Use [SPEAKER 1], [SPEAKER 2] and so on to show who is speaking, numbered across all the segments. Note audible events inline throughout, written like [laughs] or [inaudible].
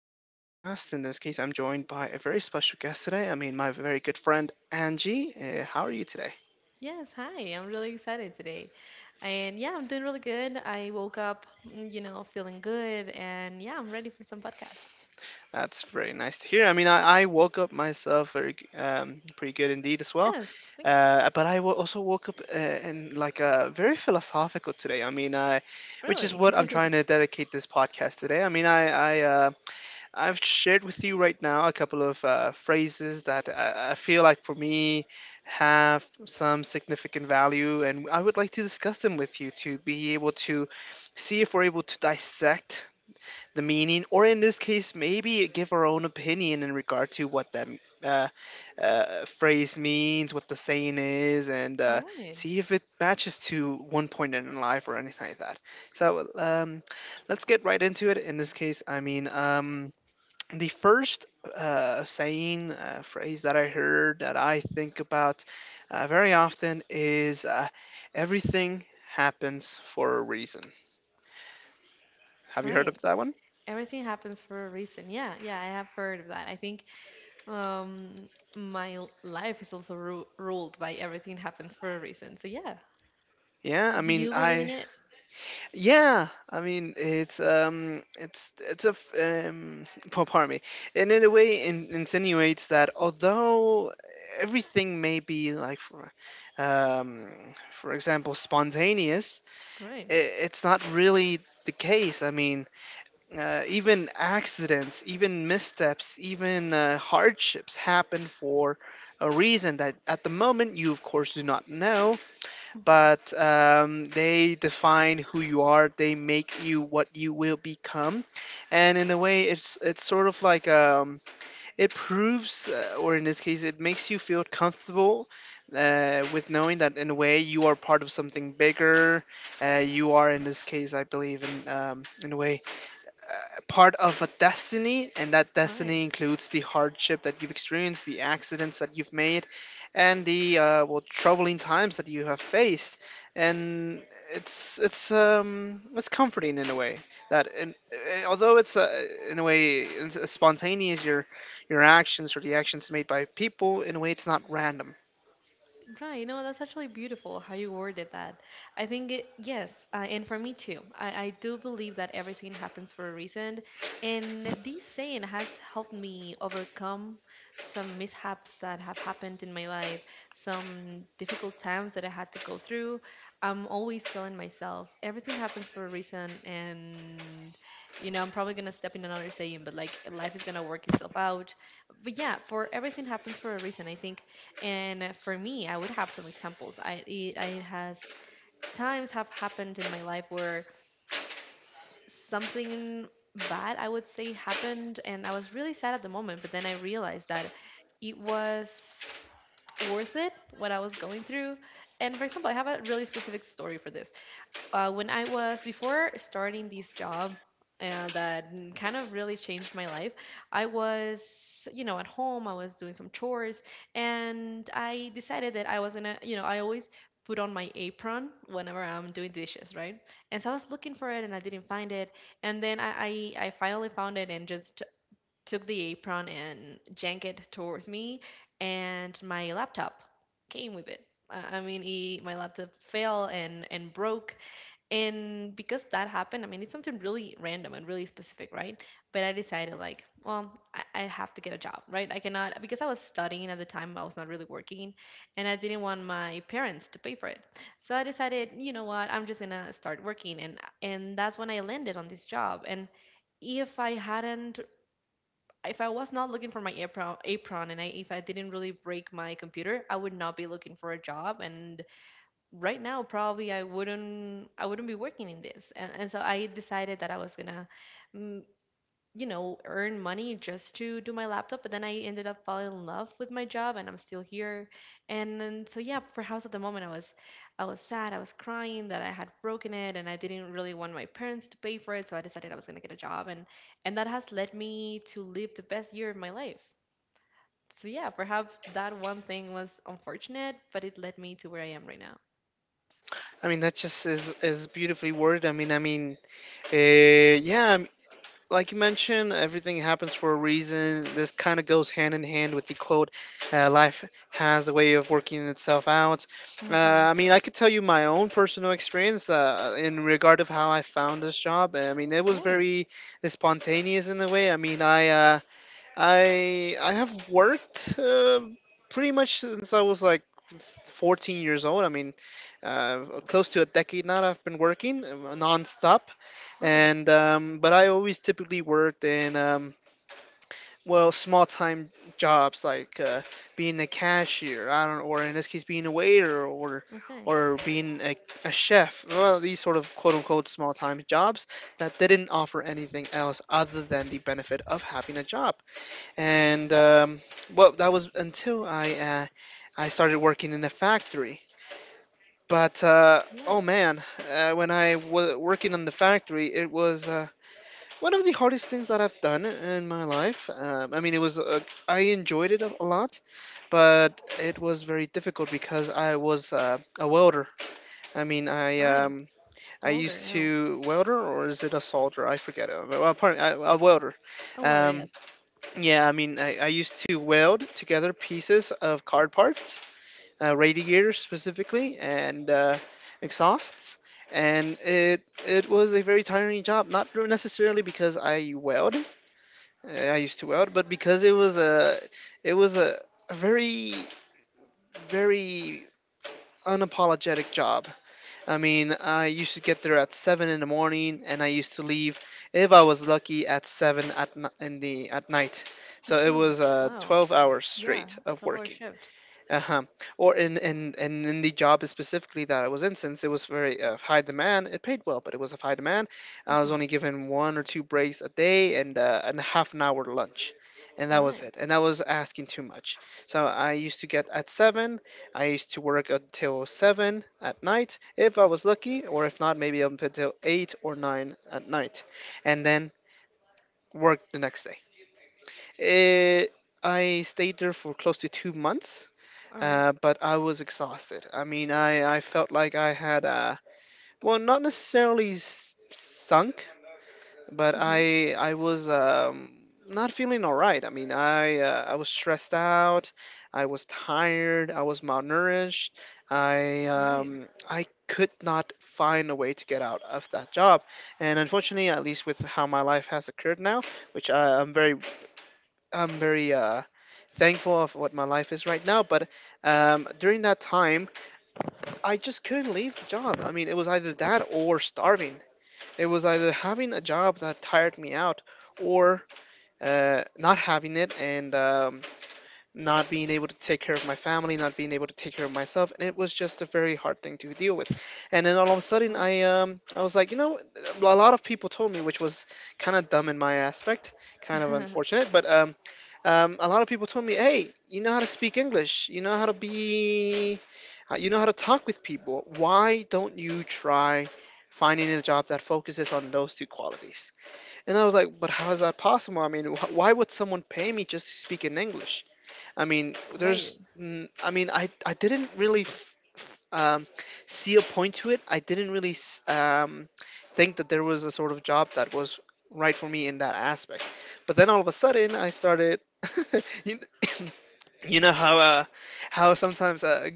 [SPEAKER 1] another podcast. In this case, I'm joined by a very special guest today. I mean, my very good friend Angie. How are you today?
[SPEAKER 2] Yes, hi. I'm really excited today. And yeah, I'm doing really good. I woke up, feeling good. And yeah, I'm ready for some podcasts.
[SPEAKER 1] That's very nice to hear. I mean, I woke up myself very pretty good indeed as well.
[SPEAKER 2] Yes, like
[SPEAKER 1] But I also woke up in like very philosophical today. I mean, which is
[SPEAKER 2] really.
[SPEAKER 1] what I'm trying to dedicate this podcast today. I mean, I've shared with you right now a couple of phrases that I feel like for me have some significant value, and I would like to discuss them with you to be able to see if we're able to dissect the meaning, or in this case, maybe give our own opinion in regard to what that uh, phrase means, what the saying is, and
[SPEAKER 2] [laughs] All right.
[SPEAKER 1] see if it matches to one point in life or anything like that. So, let's get right into it. In this case, I mean, the first saying phrase that I heard that I think about very often is everything happens for a reason. Have
[SPEAKER 2] All
[SPEAKER 1] you heard
[SPEAKER 2] right.
[SPEAKER 1] of that one?
[SPEAKER 2] Everything happens for a reason. Yeah, yeah, I have heard of that. I think um my life is also ru ruled by everything happens for a reason. So yeah.
[SPEAKER 1] Yeah, I
[SPEAKER 2] Do
[SPEAKER 1] mean,
[SPEAKER 2] you believe in
[SPEAKER 1] I
[SPEAKER 2] it?
[SPEAKER 1] yeah, I mean, it's it's a [laughs] well, pardon me, and in a way, insinuates that although everything may be like, um, for example, spontaneous.
[SPEAKER 2] All right.
[SPEAKER 1] I it's not really the case. I mean, even accidents, even missteps, even hardships happen for a reason that at the moment you, of course, do not know,
[SPEAKER 2] Mm-hmm.
[SPEAKER 1] but they define who you are, they make you what you will become. And in a way, it's sort of like it proves, or in this case, it makes you feel comfortable. With knowing that in a way you are part of something bigger, you are in this case, I believe, in a way uh, part of a destiny, and that
[SPEAKER 2] All right.
[SPEAKER 1] destiny includes the hardship that you've experienced, the accidents that you've made, and the well, troubling times that you have faced. And it's comforting in a way that although it's in a way it's spontaneous, your actions or the actions made by people in a way it's not random.
[SPEAKER 2] Right, no, that's actually beautiful how you worded that. I think it, yes, and for me too. I do believe that everything happens for a reason, and this saying has helped me overcome some mishaps that have happened in my life, some difficult times that I had to go through. I'm always telling myself everything happens for a reason, and I'm probably gonna step in another saying, but like life is gonna work itself out. But yeah, for everything happens for a reason. I think, and for me, I would have some examples. It has times have happened in my life where something bad, I would say, happened, and I was really sad at the moment. But then I realized that it was worth it what I was going through. And for example, I have a really specific story for this, when I was before starting this job, that kind of really changed my life. I was, at home, I was doing some chores, and I decided that I was gonna, I always put on my apron whenever I'm doing dishes, right? And so I was looking for it, and I didn't find it. And then I finally found it, and just took the apron and yanked it towards me, and my laptop came with it. I mean, my laptop fell and broke, and because that happened, I mean, it's something really random and really specific, right? But I decided, like, well, I have to get a job, right? I cannot, because I was studying at the time, I was not really working, and I didn't want my parents to pay for it. So I decided, you know what, I'm just gonna start working, and that's when I landed on this job. And if I hadn't, if I was not looking for my apron, and if I didn't really break my computer, I would not be looking for a job, and right now probably I wouldn't be working in this. And so I decided that I was gonna mm, earn money just to do my laptop, but then I ended up falling in love with my job, and I'm still here. And then, so yeah, for house at the moment, I was sad, I was crying that I had broken it, and I didn't really want my parents to pay for it, so I decided I was gonna get a job, and that has led me to live the best year of my life. So yeah, perhaps that one thing was unfortunate, but it led me to where I am right now.
[SPEAKER 1] I mean that just is beautifully worded. I mean, yeah, like you mentioned, everything happens for a reason. This kind of goes hand in hand with the quote, life has a way of working itself out. Uh,
[SPEAKER 2] Mm-hmm.
[SPEAKER 1] I mean, I could tell you my own personal experience in regard of how I found this job. I mean, it
[SPEAKER 2] All
[SPEAKER 1] was
[SPEAKER 2] right.
[SPEAKER 1] very spontaneous in a way. I mean, I have worked pretty much since I was like 14 years old. I mean, close to a decade now. I've been working nonstop,
[SPEAKER 2] Right.
[SPEAKER 1] and but I always typically worked in well, small time jobs like being a cashier. I don't, or in this case, being a waiter or
[SPEAKER 2] Okay.
[SPEAKER 1] or being a chef. Well, these sort of quote unquote small time jobs that didn't offer anything else other than the benefit of having a job and well, that was until I started working in a factory. But oh
[SPEAKER 2] Right.
[SPEAKER 1] man, when I was working on the factory, it was one of the hardest things that I've done in my life. I mean, it was I enjoyed it a lot, but it was very difficult because I was a welder. I mean,
[SPEAKER 2] All right.
[SPEAKER 1] I
[SPEAKER 2] Older
[SPEAKER 1] used
[SPEAKER 2] now.
[SPEAKER 1] to welder or is it a solder? I forget. Well, pardon, a welder.
[SPEAKER 2] Oh, older,
[SPEAKER 1] Um,
[SPEAKER 2] yes.
[SPEAKER 1] yeah, I mean, I used to weld together pieces of car parts, radiators specifically, and exhausts. And it was a very tiring job, not necessarily because I weld, I used to weld, but because it was a very very unapologetic job. I mean, I used to get there at 7 in the morning, and I used to leave, if I was lucky, at 7 at n- in the at night. So it
[SPEAKER 2] Hmm.
[SPEAKER 1] was
[SPEAKER 2] Wow.
[SPEAKER 1] 12 hours
[SPEAKER 2] Yeah.
[SPEAKER 1] straight of
[SPEAKER 2] 12-hour
[SPEAKER 1] working.
[SPEAKER 2] shift.
[SPEAKER 1] Uh-huh. Or in the job specifically that I was in, since it was very high demand. It paid well, but it was of high demand. I was
[SPEAKER 2] Hmm.
[SPEAKER 1] only given one or two breaks a day and a half an hour lunch, and
[SPEAKER 2] All
[SPEAKER 1] that was
[SPEAKER 2] right.
[SPEAKER 1] it, and that was asking too much. So I used to get at 7. I used to work until 7 at night, if I was lucky, or if not maybe up until 8 or 9 at night, and then work the next day. It, i stayed there for close to 2 months.
[SPEAKER 2] All right.
[SPEAKER 1] But I was exhausted. I mean, I felt like I had well, not necessarily sunk, but
[SPEAKER 2] Mm-hmm.
[SPEAKER 1] I was not feeling all right. I mean, I was stressed out, I was tired, I was malnourished. I
[SPEAKER 2] All right.
[SPEAKER 1] um, I could not find a way to get out of that job, and unfortunately, at least with how my life has occurred now, which I'm very thankful of what my life is right now, but during that time I just couldn't leave the job. I mean, it was either that or starving. It was either having a job that tired me out or not having it and not being able to take care of my family, not being able to take care of myself. And it was just a very hard thing to deal with. And then all of a sudden,
[SPEAKER 2] Right.
[SPEAKER 1] I was like, a lot of people told me, which was kind of dumb in my aspect, kind of
[SPEAKER 2] [laughs]
[SPEAKER 1] unfortunate, but. A lot of people told me, "Hey, you know how to speak English. You know how to be, you know how to talk with people. Why don't you try finding a job that focuses on those two qualities?" And I was like, "But how is that possible? I mean, why would someone pay me just to speak in English? I mean,
[SPEAKER 2] Right.
[SPEAKER 1] I mean, I didn't really um, see a point to it. I didn't really think that there was a sort of job that was right for me in that aspect. But then all of a sudden, I started. [laughs] you, [coughs] you know how sometimes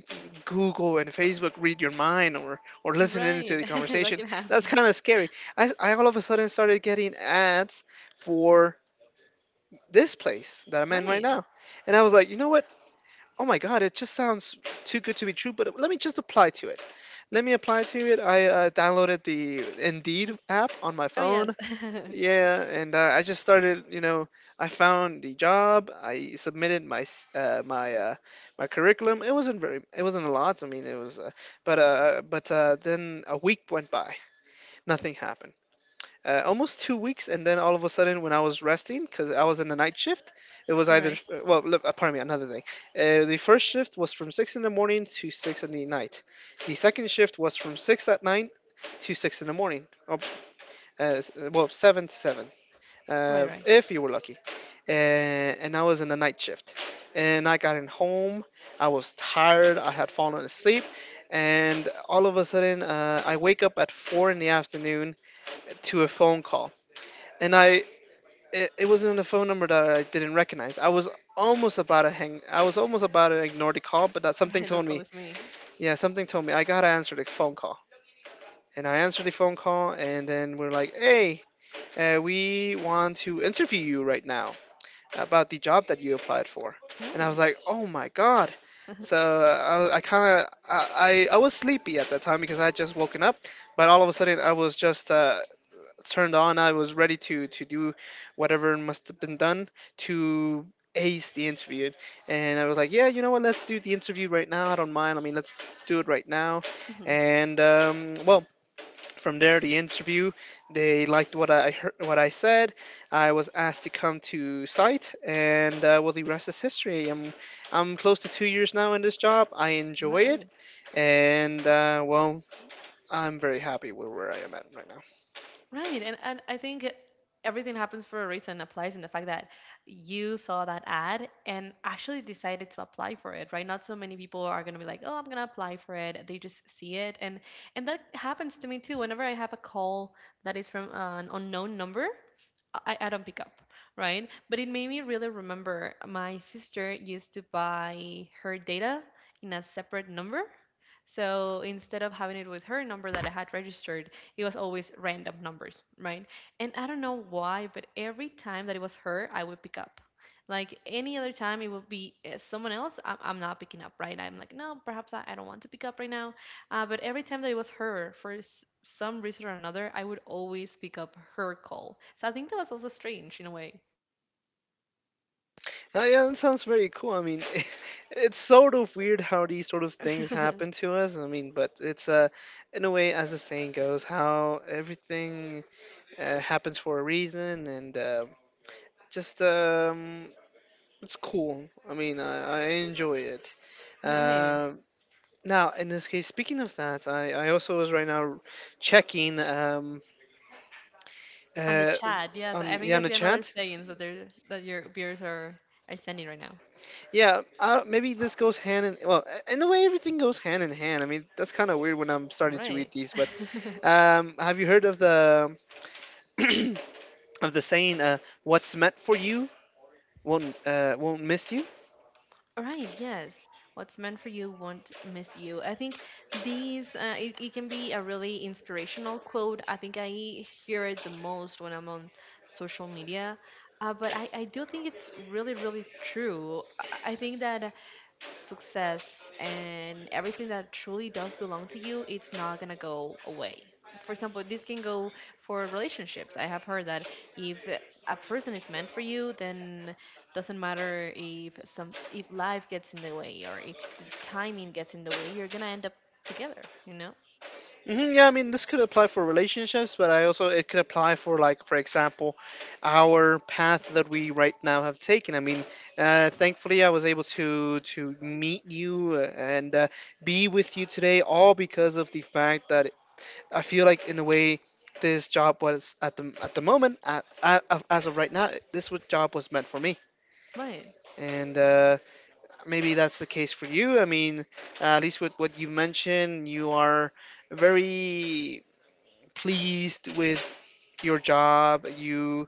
[SPEAKER 1] Google and Facebook read your mind or listen into
[SPEAKER 2] Right.
[SPEAKER 1] the
[SPEAKER 2] [laughs] That
[SPEAKER 1] conversation.
[SPEAKER 2] can
[SPEAKER 1] That's
[SPEAKER 2] happen.
[SPEAKER 1] kind of scary. I all of a sudden started getting ads for this place that I'm in right
[SPEAKER 2] Right.
[SPEAKER 1] now, and I was like, you know what? Oh my God, it just sounds too good to be true. But let me just apply to it. Let me apply to it. I downloaded the Indeed app on my
[SPEAKER 2] Oh, yes.
[SPEAKER 1] phone.
[SPEAKER 2] [laughs]
[SPEAKER 1] Yeah, and I just started. You know, I found the job. I submitted my s- my my curriculum. It wasn't very. It wasn't a lot. I mean, it was. But then a week went by. Nothing happened. Almost 2 weeks, and then all of a sudden, when I was resting, because I was in the night shift, it was
[SPEAKER 2] All
[SPEAKER 1] either
[SPEAKER 2] right.
[SPEAKER 1] well, look, pardon me, another thing. The first shift was from 6 in the morning to 6 in the night. The second shift was from 6 at night to 6 in the morning. Oh, well, 7 to 7,
[SPEAKER 2] Right, right.
[SPEAKER 1] if you were lucky. And I was in the night shift, and I got in home. I was tired. I had fallen asleep. And all of a sudden, I wake up at 4 in the afternoon to a phone call and it wasn't a phone number that I didn't recognize. I was almost about to hang. I was almost about to ignore the call, but that something
[SPEAKER 2] Right.
[SPEAKER 1] told
[SPEAKER 2] That's
[SPEAKER 1] me.
[SPEAKER 2] always me.
[SPEAKER 1] Yeah, something told me I gotta answer the phone call. And I answered the phone call, and then we're like, "Hey, we want to interview you right now about the job that you applied for."
[SPEAKER 2] All
[SPEAKER 1] And I was
[SPEAKER 2] right.
[SPEAKER 1] like, "Oh my God!" So, I kind of I was sleepy at that time because I had just woken up, but all of a sudden I was just turned on. I was ready to do whatever must have been done to ace the interview. And I was like, yeah, you know what? Let's do the interview right now. I don't mind. I mean, let's do it right now.
[SPEAKER 2] Mm-hmm.
[SPEAKER 1] And um, well, from there, the interview. They liked what I heard, what I said. I was asked to come to site, and well, the rest is history. I'm close to 2 years now in this job. I enjoy it,
[SPEAKER 2] Right.
[SPEAKER 1] and well, I'm very happy with where I am at right now.
[SPEAKER 2] Right. And I think everything happens for a reason applies in the fact that you saw that ad and actually decided to apply for it, right? Not so many people are going to be like, "Oh, I'm going to apply for it." They just see it, and that happens to me too. Whenever I have a call that is from an unknown number, I don't pick up, right? But it made me really remember my sister used to buy her data in a separate number. So instead of having it with her number that I had registered, it was always random numbers, right? And I don't know why, but every time that it was her, I would pick up. Like any other time, it would be someone else. I'm not picking up, right? I'm like, no, perhaps I don't want to pick up right now. But every time that it was her, for some reason or another, I would always pick up her call. So I think that was also strange in a way.
[SPEAKER 1] Oh, yeah, that sounds very cool. I mean, [laughs] it's sort of weird how these sort of things happen
[SPEAKER 2] [laughs]
[SPEAKER 1] to us. I mean, but it's in a way, as the saying goes, how everything happens for a reason, and just it's cool. I mean, I enjoy it.
[SPEAKER 2] Right.
[SPEAKER 1] Uh, Now, in this case, speaking of that, I also was right now checking
[SPEAKER 2] On the
[SPEAKER 1] uh,
[SPEAKER 2] chat, yes. I
[SPEAKER 1] on
[SPEAKER 2] think
[SPEAKER 1] yeah, on
[SPEAKER 2] I
[SPEAKER 1] the
[SPEAKER 2] see another
[SPEAKER 1] chat.
[SPEAKER 2] sayings that your viewers are sending right now.
[SPEAKER 1] Yeah, maybe this goes hand in well, in a way everything goes hand in hand. I mean, that's kind of weird when I'm starting to read
[SPEAKER 2] Right.
[SPEAKER 1] these, but
[SPEAKER 2] [laughs]
[SPEAKER 1] have you heard of the [clears throat] of the saying, "What's meant for you won't miss you"?
[SPEAKER 2] Right, yes. What's meant for you won't miss you. I think these, it can be a really inspirational quote. I think I hear it the most when I'm on social media. But I do think it's really, really true. I think that success and everything that truly does belong to you, it's not going to go away. For example, this can go for relationships. I have heard that if a person is meant for you, then doesn't matter if some if life gets in the way or if the timing gets in the way, you're gonna end up together.
[SPEAKER 1] Hmm, yeah, I mean, this could apply for relationships, but I also it could apply for like, for example, our path that we right now have taken. I mean, thankfully, I was able to meet you and be with you today, all because of the fact that I feel like in the way this job was at the moment, as of right now, job was meant for me,
[SPEAKER 2] Right.
[SPEAKER 1] and maybe that's the case for you. I mean, at least with what you mentioned, you are very pleased with your job.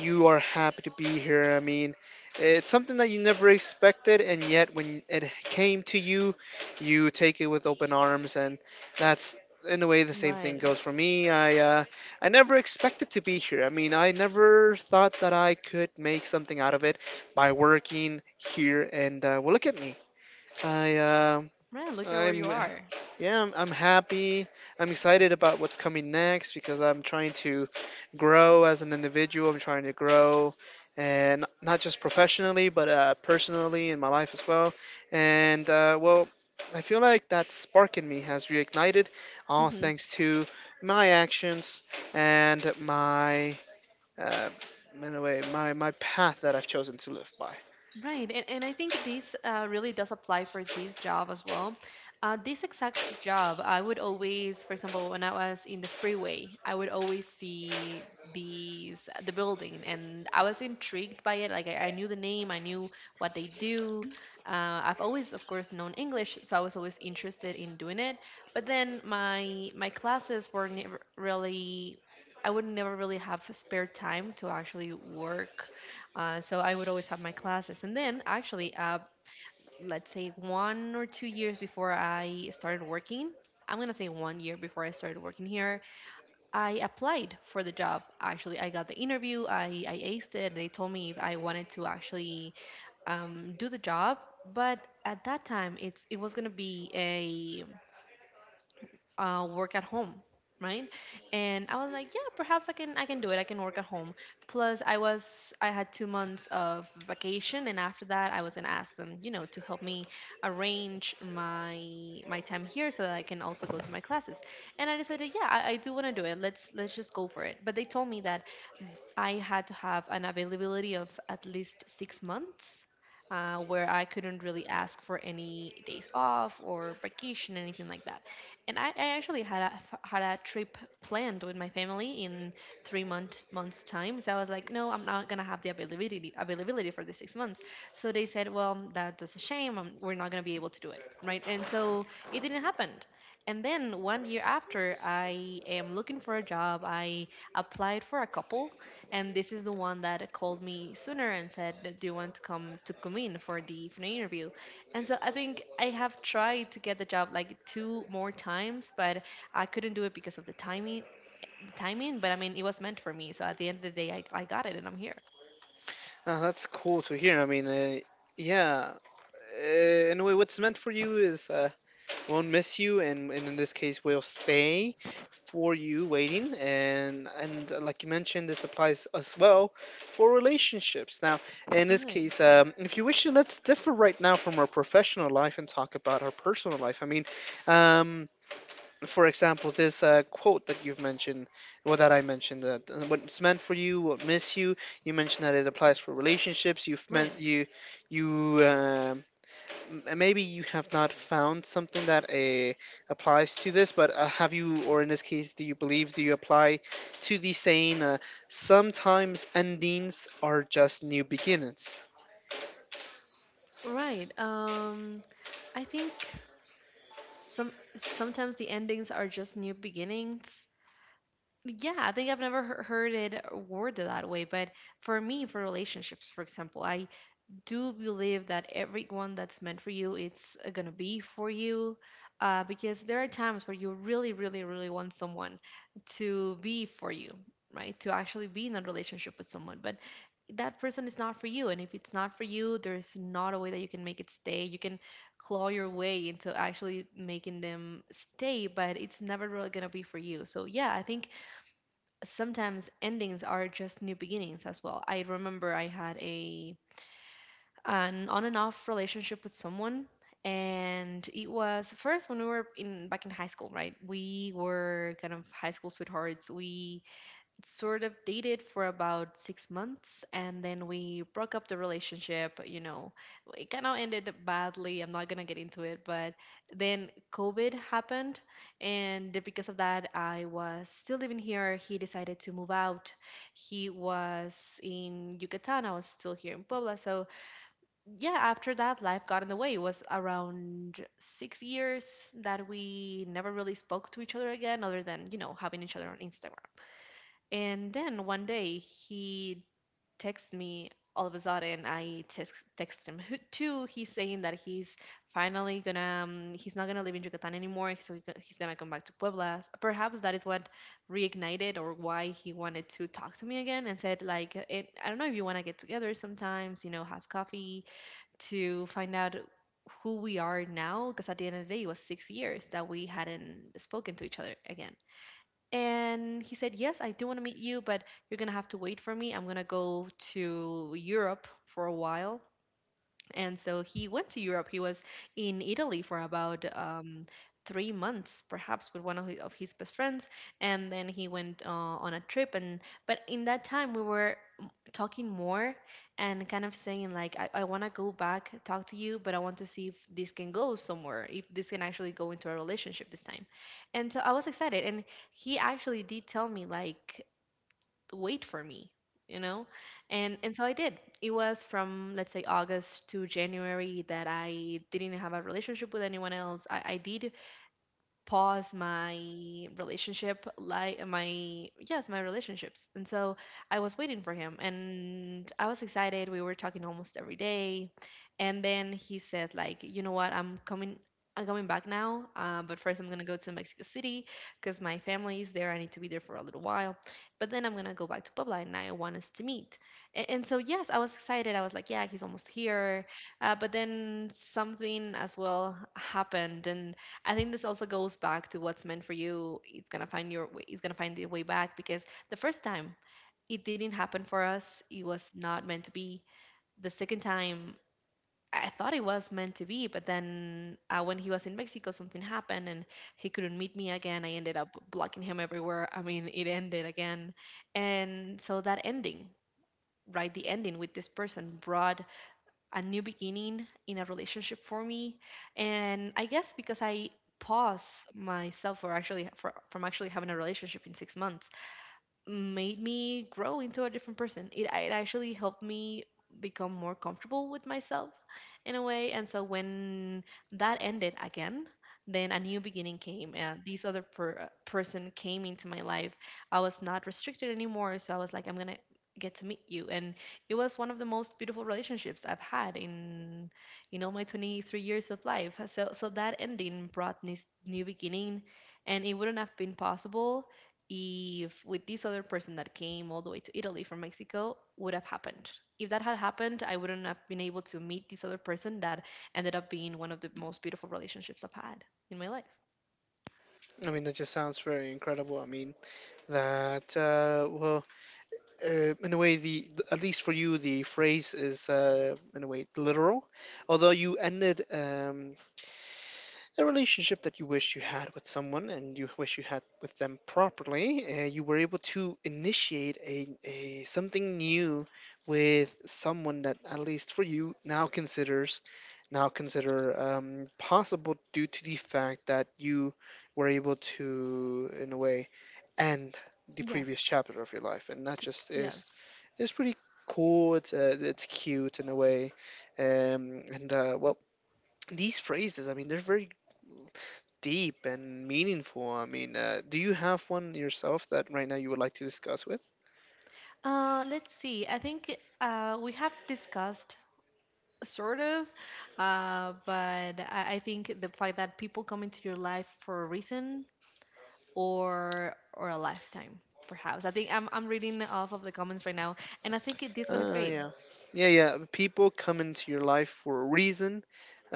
[SPEAKER 1] You are happy to be here. I mean, it's something that you never expected, and yet when it came to you, you take it with open arms, and that's in a way the same thing
[SPEAKER 2] Right.
[SPEAKER 1] goes for me. I never expected to be here. I mean, I never thought that I could make something out of it by working here, and well, look at me. I
[SPEAKER 2] Right. Look at where
[SPEAKER 1] I'm
[SPEAKER 2] you are.
[SPEAKER 1] Yeah, I'm happy. I'm excited about what's coming next because I'm trying to grow as an individual. I'm trying to grow, and not just professionally, but personally in my life as well. And well, I feel like that spark in me has reignited, all
[SPEAKER 2] Hmm.
[SPEAKER 1] thanks to my actions and uh, in a way, my path that I've chosen to live by.
[SPEAKER 2] Right, and I think this, really does apply for this job as well. This exact job, I would always, for example, when I was in the freeway, I would always see the building, and I was intrigued by it. Like, I knew the name, I knew what they do. I've always, of course, known English, so I was always interested in doing it. But then my classes were never really. I would never really have spare time to actually work, so I would always have my classes. And then, actually, let's say 1 or 2 years before I started working, I'm going to say 1 year before I started working here, I applied for the job. Actually, I got the interview, I aced it. They told me if I wanted to actually do the job. But at that time, it was going to be a, work at home, right? And I was like, yeah, perhaps I can do it, I can work at home. Plus I had 2 months of vacation, and after that I was going to ask them, to help me arrange my time here so that I can also go to my classes. And I decided, yeah, I do want to do it, let's just go for it. But they told me that I had to have an availability of at least 6 months, where I couldn't really ask for any days off or vacation, anything like that. And I actually had a trip planned with my family in three months' time. So I was like, no, I'm not going to have the availability for the 6 months. So they said, well, that's a shame. We're not going to be able to do it. Right. And so it didn't happen. And then 1 year after, I am looking for a job. I applied for a couple, and this is the one that called me sooner and said, do you want to come to Kumin for the final interview? And so I think I have tried to get the job like two more times, but I couldn't do it because of the timing, but I mean, it was meant for me. So at the end of the day, I got it, and I'm here.
[SPEAKER 1] That's cool to hear. I mean, yeah, uh, in a way, what's meant for you is. Won't miss you, and in this case, will stay for you waiting. And like you mentioned, this applies as well for relationships. Now, in this
[SPEAKER 2] Right.
[SPEAKER 1] case, if you wish, to, let's differ right now from our professional life and talk about our personal life. I mean, um, for example, this quote that you've mentioned, well, that I mentioned, that what's meant for you, won't miss you. You mentioned that it applies for relationships. You've meant
[SPEAKER 2] Right.
[SPEAKER 1] you you m- maybe you have not found something that applies to this, but have you, or in this case, do you believe, do you apply to the saying, sometimes endings are just new beginnings?
[SPEAKER 2] Right. I think some sometimes the endings are just new beginnings. Yeah, I think I've never heard it worded that way, but for me, for relationships, for example, I do believe that everyone that's meant for you it's gonna be for you because there are times where you really want someone to be for you, right, to actually be in a relationship with someone, but that person is not for you, and if it's not for you, there's not a way that you can make it stay. You can claw your way into actually making them stay, but it's never really going to be for you. So yeah, I think sometimes endings are just new beginnings as well. I remember I had a an on and off relationship with someone, and it was first when we were in back in high school. Right, we were kind of high school sweethearts. We sort of dated for about 6 months, and then we broke up the relationship. It kind of ended badly. I'm not gonna get into it, but then COVID happened, and because of that, I was still living here. He decided to move out. He was in Yucatan, I was still here in Puebla. So yeah, after that, life got in the way. It was around 6 years that we never really spoke to each other again, other than, you know, having each other on Instagram. And then one day he texts me all of a sudden. I text him too. He's saying that he's finally gonna, he's not gonna live in Yucatan anymore. So he's gonna come back to Puebla. Perhaps that is what reignited, or why he wanted to talk to me again, and said, like, I don't know if you wanna get together sometimes, you know, have coffee to find out who we are now, because at the end of the day, it was 6 years that we hadn't spoken to each other again. And he said, yes, I do want to meet you, but you're gonna have to wait for me. I'm gonna go to Europe for a while. And so he went to Europe. He was in Italy for about 3 months, perhaps, with of his best friends. And then he went on a trip. And But in that time, we were talking more, and kind of saying like, I want to go back, talk to you, but I want to see if this can go somewhere, if this can actually go into a relationship this time. And so I was excited. And he actually did tell me, like, wait for me, you know. And so I did. It was from, let's say, August to January that I didn't have a relationship with anyone else. I did pause my relationship, like my relationships. And so I was waiting for him, and I was excited. We were talking almost every day. And then he said, like, you know what, I'm coming back now, but first I'm gonna go to Mexico City because my family is there. I need to be there for a little while, but then I'm gonna go back to Puebla, and I want us to meet. And so yes, I was excited. I was like, yeah, he's almost here. But then something as well happened. And I think this also goes back to what's meant for you. It's gonna find your way. It's gonna find the way back. Because the first time it didn't happen for us. It was not meant to be. The second time I thought it was meant to be, but then when he was in Mexico, something happened and he couldn't meet me again. I ended up blocking him everywhere. I mean, it ended again, and so that ending, right? The ending with this person brought a new beginning in a relationship for me. And I guess because I pause myself from actually having a relationship in 6 months, made me grow into a different person. It actually helped me become more comfortable with myself, in a way. And so when that ended again, then a new beginning came, and this other person came into my life. I was not restricted anymore, so I was like, I'm gonna get to meet you. And it was one of the most beautiful relationships I've had in, you know, my 23 years of life. So, so that ending brought this new beginning, and it wouldn't have been possible if with this other person that came all the way to Italy from Mexico would have happened. If that had happened, I wouldn't have been able to meet this other person that ended up being one of the most beautiful relationships I've had in my life.
[SPEAKER 1] I mean, that just sounds very incredible. I mean, that, well, in a way, at least for you, the phrase is, in a way, literal. Although you ended a relationship that you wish you had with someone and you wish you had with them properly, you were able to initiate a something new with someone that at least for you now consider possible due to the fact that you were able to in a way end the previous
[SPEAKER 2] Yes.
[SPEAKER 1] chapter of your life, and that just
[SPEAKER 2] Yes.
[SPEAKER 1] is pretty cool. It's it's cute in a way. And Well, these phrases, I mean, they're very deep and meaningful. I mean, do you have one yourself that right now you would like to discuss with?
[SPEAKER 2] Let's see. I think we have discussed sort of, but I think the fact that people come into your life for a reason or a lifetime, perhaps. I think I'm reading off of the comments right now, and I think this one is great.
[SPEAKER 1] Yeah. Yeah. People come into your life for a reason,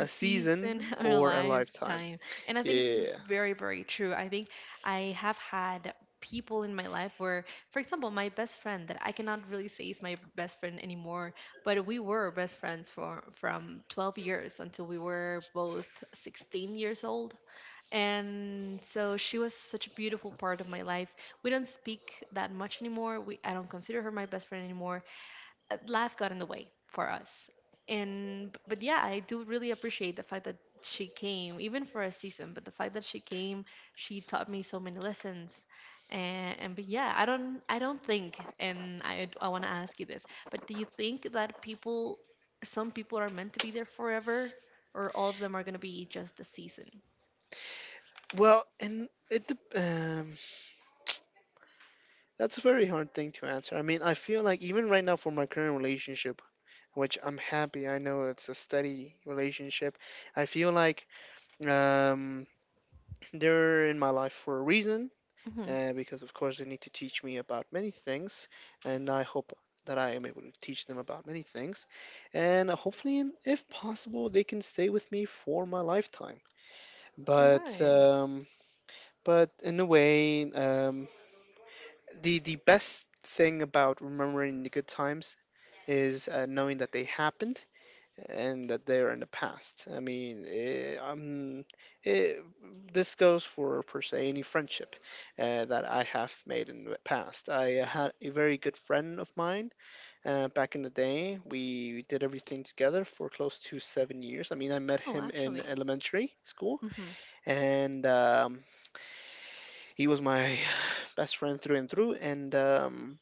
[SPEAKER 2] A
[SPEAKER 1] season,
[SPEAKER 2] season [laughs] or a
[SPEAKER 1] or a lifetime.
[SPEAKER 2] lifetime. And I think this is
[SPEAKER 1] Yeah.
[SPEAKER 2] very, very true. I think I have had people in my life where, for example, my best friend that I cannot really say is my best friend anymore, but we were best friends for from 12 years until we were both 16 years old. And so she was such a beautiful part of my life. We don't speak that much anymore. We I don't consider her my best friend anymore. Life got in the way for us. And But yeah, I do really appreciate the fact that she came, even for a season. But the fact that she came, she taught me so many lessons. And But yeah, I don't think, and I want to ask you this, but do you think that people, some people are meant to be there forever, or all of them are gonna be just a season?
[SPEAKER 1] Well, and that's a very hard thing to answer. I mean, I feel like even right now for my current relationship, which I'm happy, I know it's a steady relationship. I feel like um, they're in my life for a reason
[SPEAKER 2] Mm-hmm.
[SPEAKER 1] because, of course, they need to teach me about many things, and I hope that I am able to teach them about many things. And hopefully, if possible, they can stay with me for my lifetime.
[SPEAKER 2] All
[SPEAKER 1] But
[SPEAKER 2] right.
[SPEAKER 1] um, but in a way, the best thing about remembering the good times is knowing that they happened and that they're in the past. I mean, it, this goes for per se any friendship that I have made in the past. I had a very good friend of mine back in the day. We did everything together for close to 7 years. I mean, I met
[SPEAKER 2] Oh,
[SPEAKER 1] him in
[SPEAKER 2] actually.
[SPEAKER 1] elementary school,
[SPEAKER 2] Mm-hmm.
[SPEAKER 1] and he was my [sighs] best friend through and through. And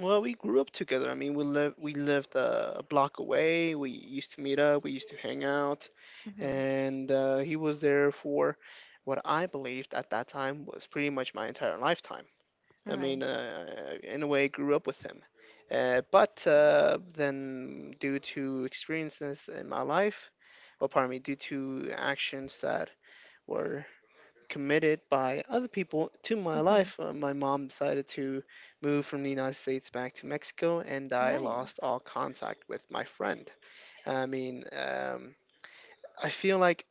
[SPEAKER 1] well, we grew up together. I mean, we lived a block away. We used to meet up. We used to hang out,
[SPEAKER 2] Mm-hmm.
[SPEAKER 1] and he was there for what I believed at that time was pretty much my entire lifetime.
[SPEAKER 2] All
[SPEAKER 1] I
[SPEAKER 2] right.
[SPEAKER 1] mean, in a way, I grew up with him. But Then, due to experiences in my life, well, pardon me, due to actions that were committed by other people to my
[SPEAKER 2] Mm-hmm.
[SPEAKER 1] life, my mom decided to move from the United States back to Mexico, and
[SPEAKER 2] All
[SPEAKER 1] I
[SPEAKER 2] right.
[SPEAKER 1] lost all contact with my friend. I mean, I feel like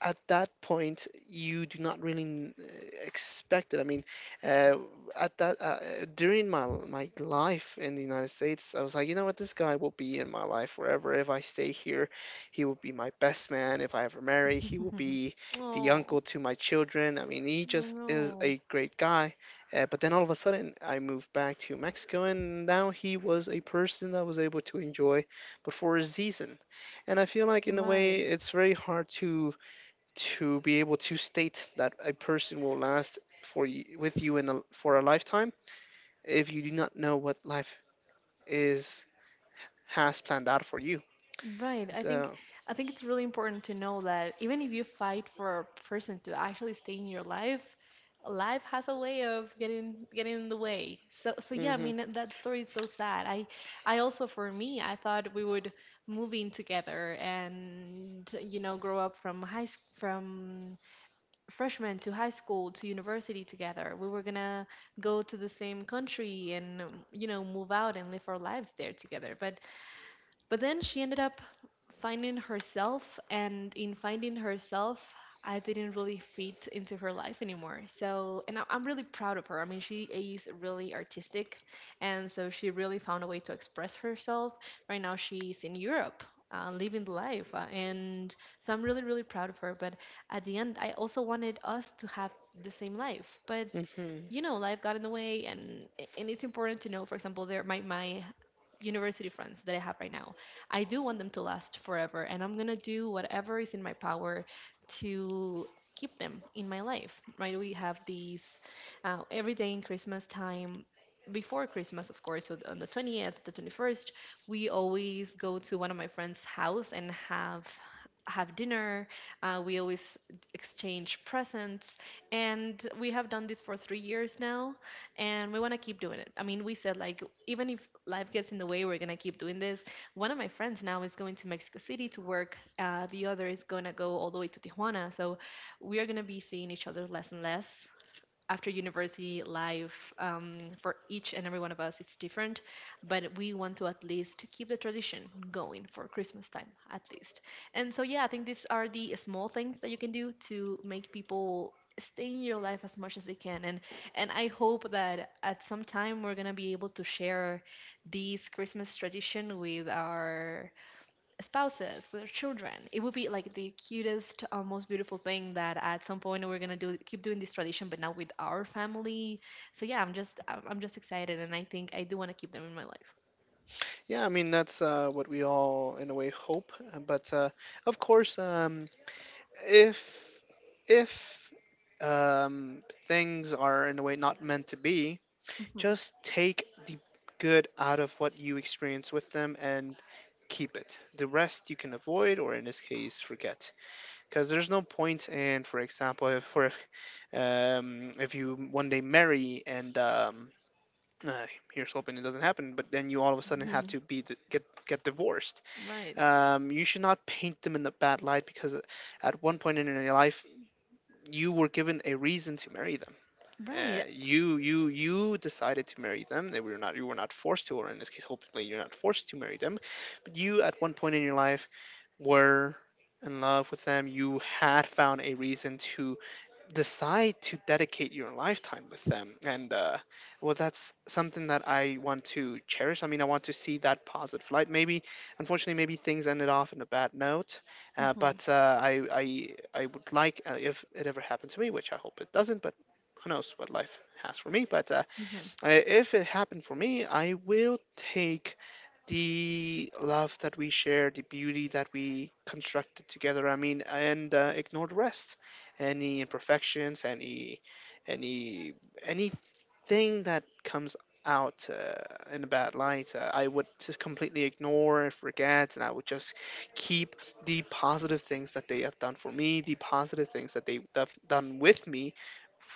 [SPEAKER 1] at that point you do not really expect it. I mean, uh, at that during my life in the United States, I was like, you know what, this guy will be in my life forever. If I stay here, he will be my best man. If I ever marry, he will be
[SPEAKER 2] [laughs]
[SPEAKER 1] the
[SPEAKER 2] Oh,
[SPEAKER 1] uncle to my children. I mean, he
[SPEAKER 2] I
[SPEAKER 1] just is
[SPEAKER 2] know.
[SPEAKER 1] a great guy. But then all of a sudden, I moved back to Mexico, and now he was a person I was able to enjoy, but for a season. And I feel like in a way,
[SPEAKER 2] Right,
[SPEAKER 1] it's very hard to be able to state that a person will last for you, with you in for a lifetime if you do not know what life is has planned out for you.
[SPEAKER 2] right.
[SPEAKER 1] So,
[SPEAKER 2] I think it's really important to know that even if you fight for a person to actually stay in your life, life has a way of getting in the way. So so yeah, I
[SPEAKER 1] hmm.
[SPEAKER 2] mean that that story is so sad. I also, for me, I thought we would move in together, and, you know, grow up from from freshman to high school to university together. We were gonna go to the same country and, you know, move out and live our lives there together. But then she ended up finding herself, and in finding herself, I didn't really fit into her life anymore. So, and I'm really proud of her. I mean, she is really artistic, and so she really found a way to express herself. Right now, she's in Europe. Living the life, and so I'm really proud of her, but at the end I also wanted us to have the same life. But you
[SPEAKER 1] Hmm,
[SPEAKER 2] know, life got in the way. And it's important to know, for example, there my university friends that I have right now, I do want them to last forever, and I'm gonna do whatever is in my power to keep them in my life, right? We have these, every day in Christmas time, before Christmas, of course, so on the 20th, the 21st, we always go to one of my friends' house and have dinner. We always exchange presents, and we have done this for 3 years now, and we want to keep doing it. I mean, we said, like, even if life gets in the way, we're going to keep doing this. One of my friends now is going to Mexico City to work, the other is going to go all the way to Tijuana. So we are going to be seeing each other less and less after university life. Um, for each and every one of us, it's different, but we want to at least keep the tradition going for Christmas time, at least. And so yeah, I think these are the small things that you can do to make people stay in your life as much as they can. And I hope that at some time we're going to be able to share this Christmas tradition with our spouses, with our children. It would be like the cutest, most beautiful thing that at some point we're gonna do keep doing this tradition, but now with our family. So yeah, I'm just I'm just excited, and I think I do want to keep them in my life.
[SPEAKER 1] yeah, I mean that's what we all in a way hope. But of course, if if things are in a way not meant to be, just take the good out of what you experience with them and keep it. The rest you can avoid, or in this case, forget, because there's no point. And for example, if for if, if you one day marry and uh, here's hoping it doesn't happen, but then you all of a sudden have
[SPEAKER 2] Hmm.
[SPEAKER 1] to be d get divorced.
[SPEAKER 2] [laughs] Right,
[SPEAKER 1] You should not paint them in a bad light because at one point in your life you were given a reason to marry them. Uh,
[SPEAKER 2] right.
[SPEAKER 1] you you you decided to marry them. They were not You were not forced to, or in this case, hopefully you're not forced to marry them. But you at one point in your life were in love with them, you had found a reason to decide to dedicate your lifetime with them. And well, that's something that I want to cherish. I mean, I want to see that positive light. Maybe, unfortunately, maybe things ended off in a bad note, uh,
[SPEAKER 2] Hmm.
[SPEAKER 1] but uh, I, I, I would like, if it ever happened to me, which I hope it doesn't, but who knows what life has for me. But
[SPEAKER 2] Hmm.
[SPEAKER 1] if it happened for me, I will take the love that we share, the beauty that we constructed together. I mean, and ignore the rest, any imperfections, any, anything that comes out in a bad light, I would just completely ignore and forget, and I would just keep the positive things that they have done for me, the positive things that they've done with me,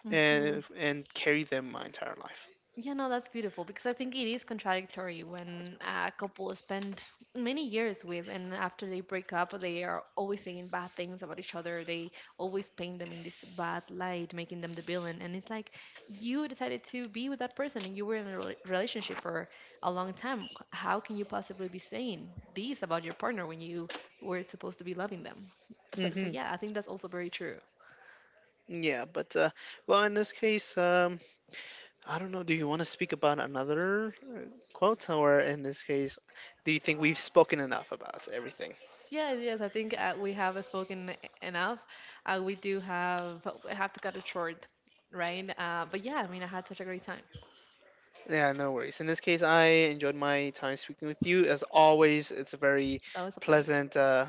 [SPEAKER 2] Hmm.
[SPEAKER 1] and carry them my entire life.
[SPEAKER 2] Yeah, no, that's beautiful, because I think it is contradictory when a couple spend many years with, and after they break up, they are always saying bad things about each other. They always paint them in this bad light, making them the villain. And it's like, you decided to be with that person and you were in a relationship for a long time. How can you possibly be saying this about your partner when you were supposed to be loving them? So, so
[SPEAKER 1] Hmm.
[SPEAKER 2] yeah, I think that's also very true.
[SPEAKER 1] Yeah, but well, in this case, I don't know. Do you want to speak about another uh, quote, or in this case, do you think we've spoken enough about everything?
[SPEAKER 2] Yes, yes, I think we have spoken enough. We do have we have to cut it short, right? But yeah, I mean, I had such a great time.
[SPEAKER 1] Yeah, no worries. In this case, I enjoyed my time speaking with you. As always, it's
[SPEAKER 2] It's always a pleasure.
[SPEAKER 1] pleasant, uh,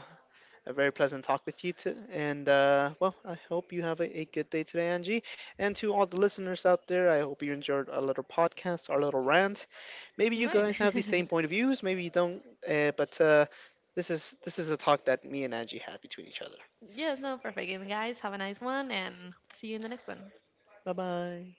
[SPEAKER 1] a very pleasant talk with you. To, and Well, I hope you have a good day today, Angie. And to all the listeners out there, I hope you enjoyed our little podcast, our little rant. Maybe you
[SPEAKER 2] Right.
[SPEAKER 1] guys have the same
[SPEAKER 2] [laughs]
[SPEAKER 1] point of views. Maybe you don't. But This is a talk that me and Angie had between each other.
[SPEAKER 2] Yes, no, perfect. And guys, have a nice one, and hope to see you in the next one.
[SPEAKER 1] Bye bye.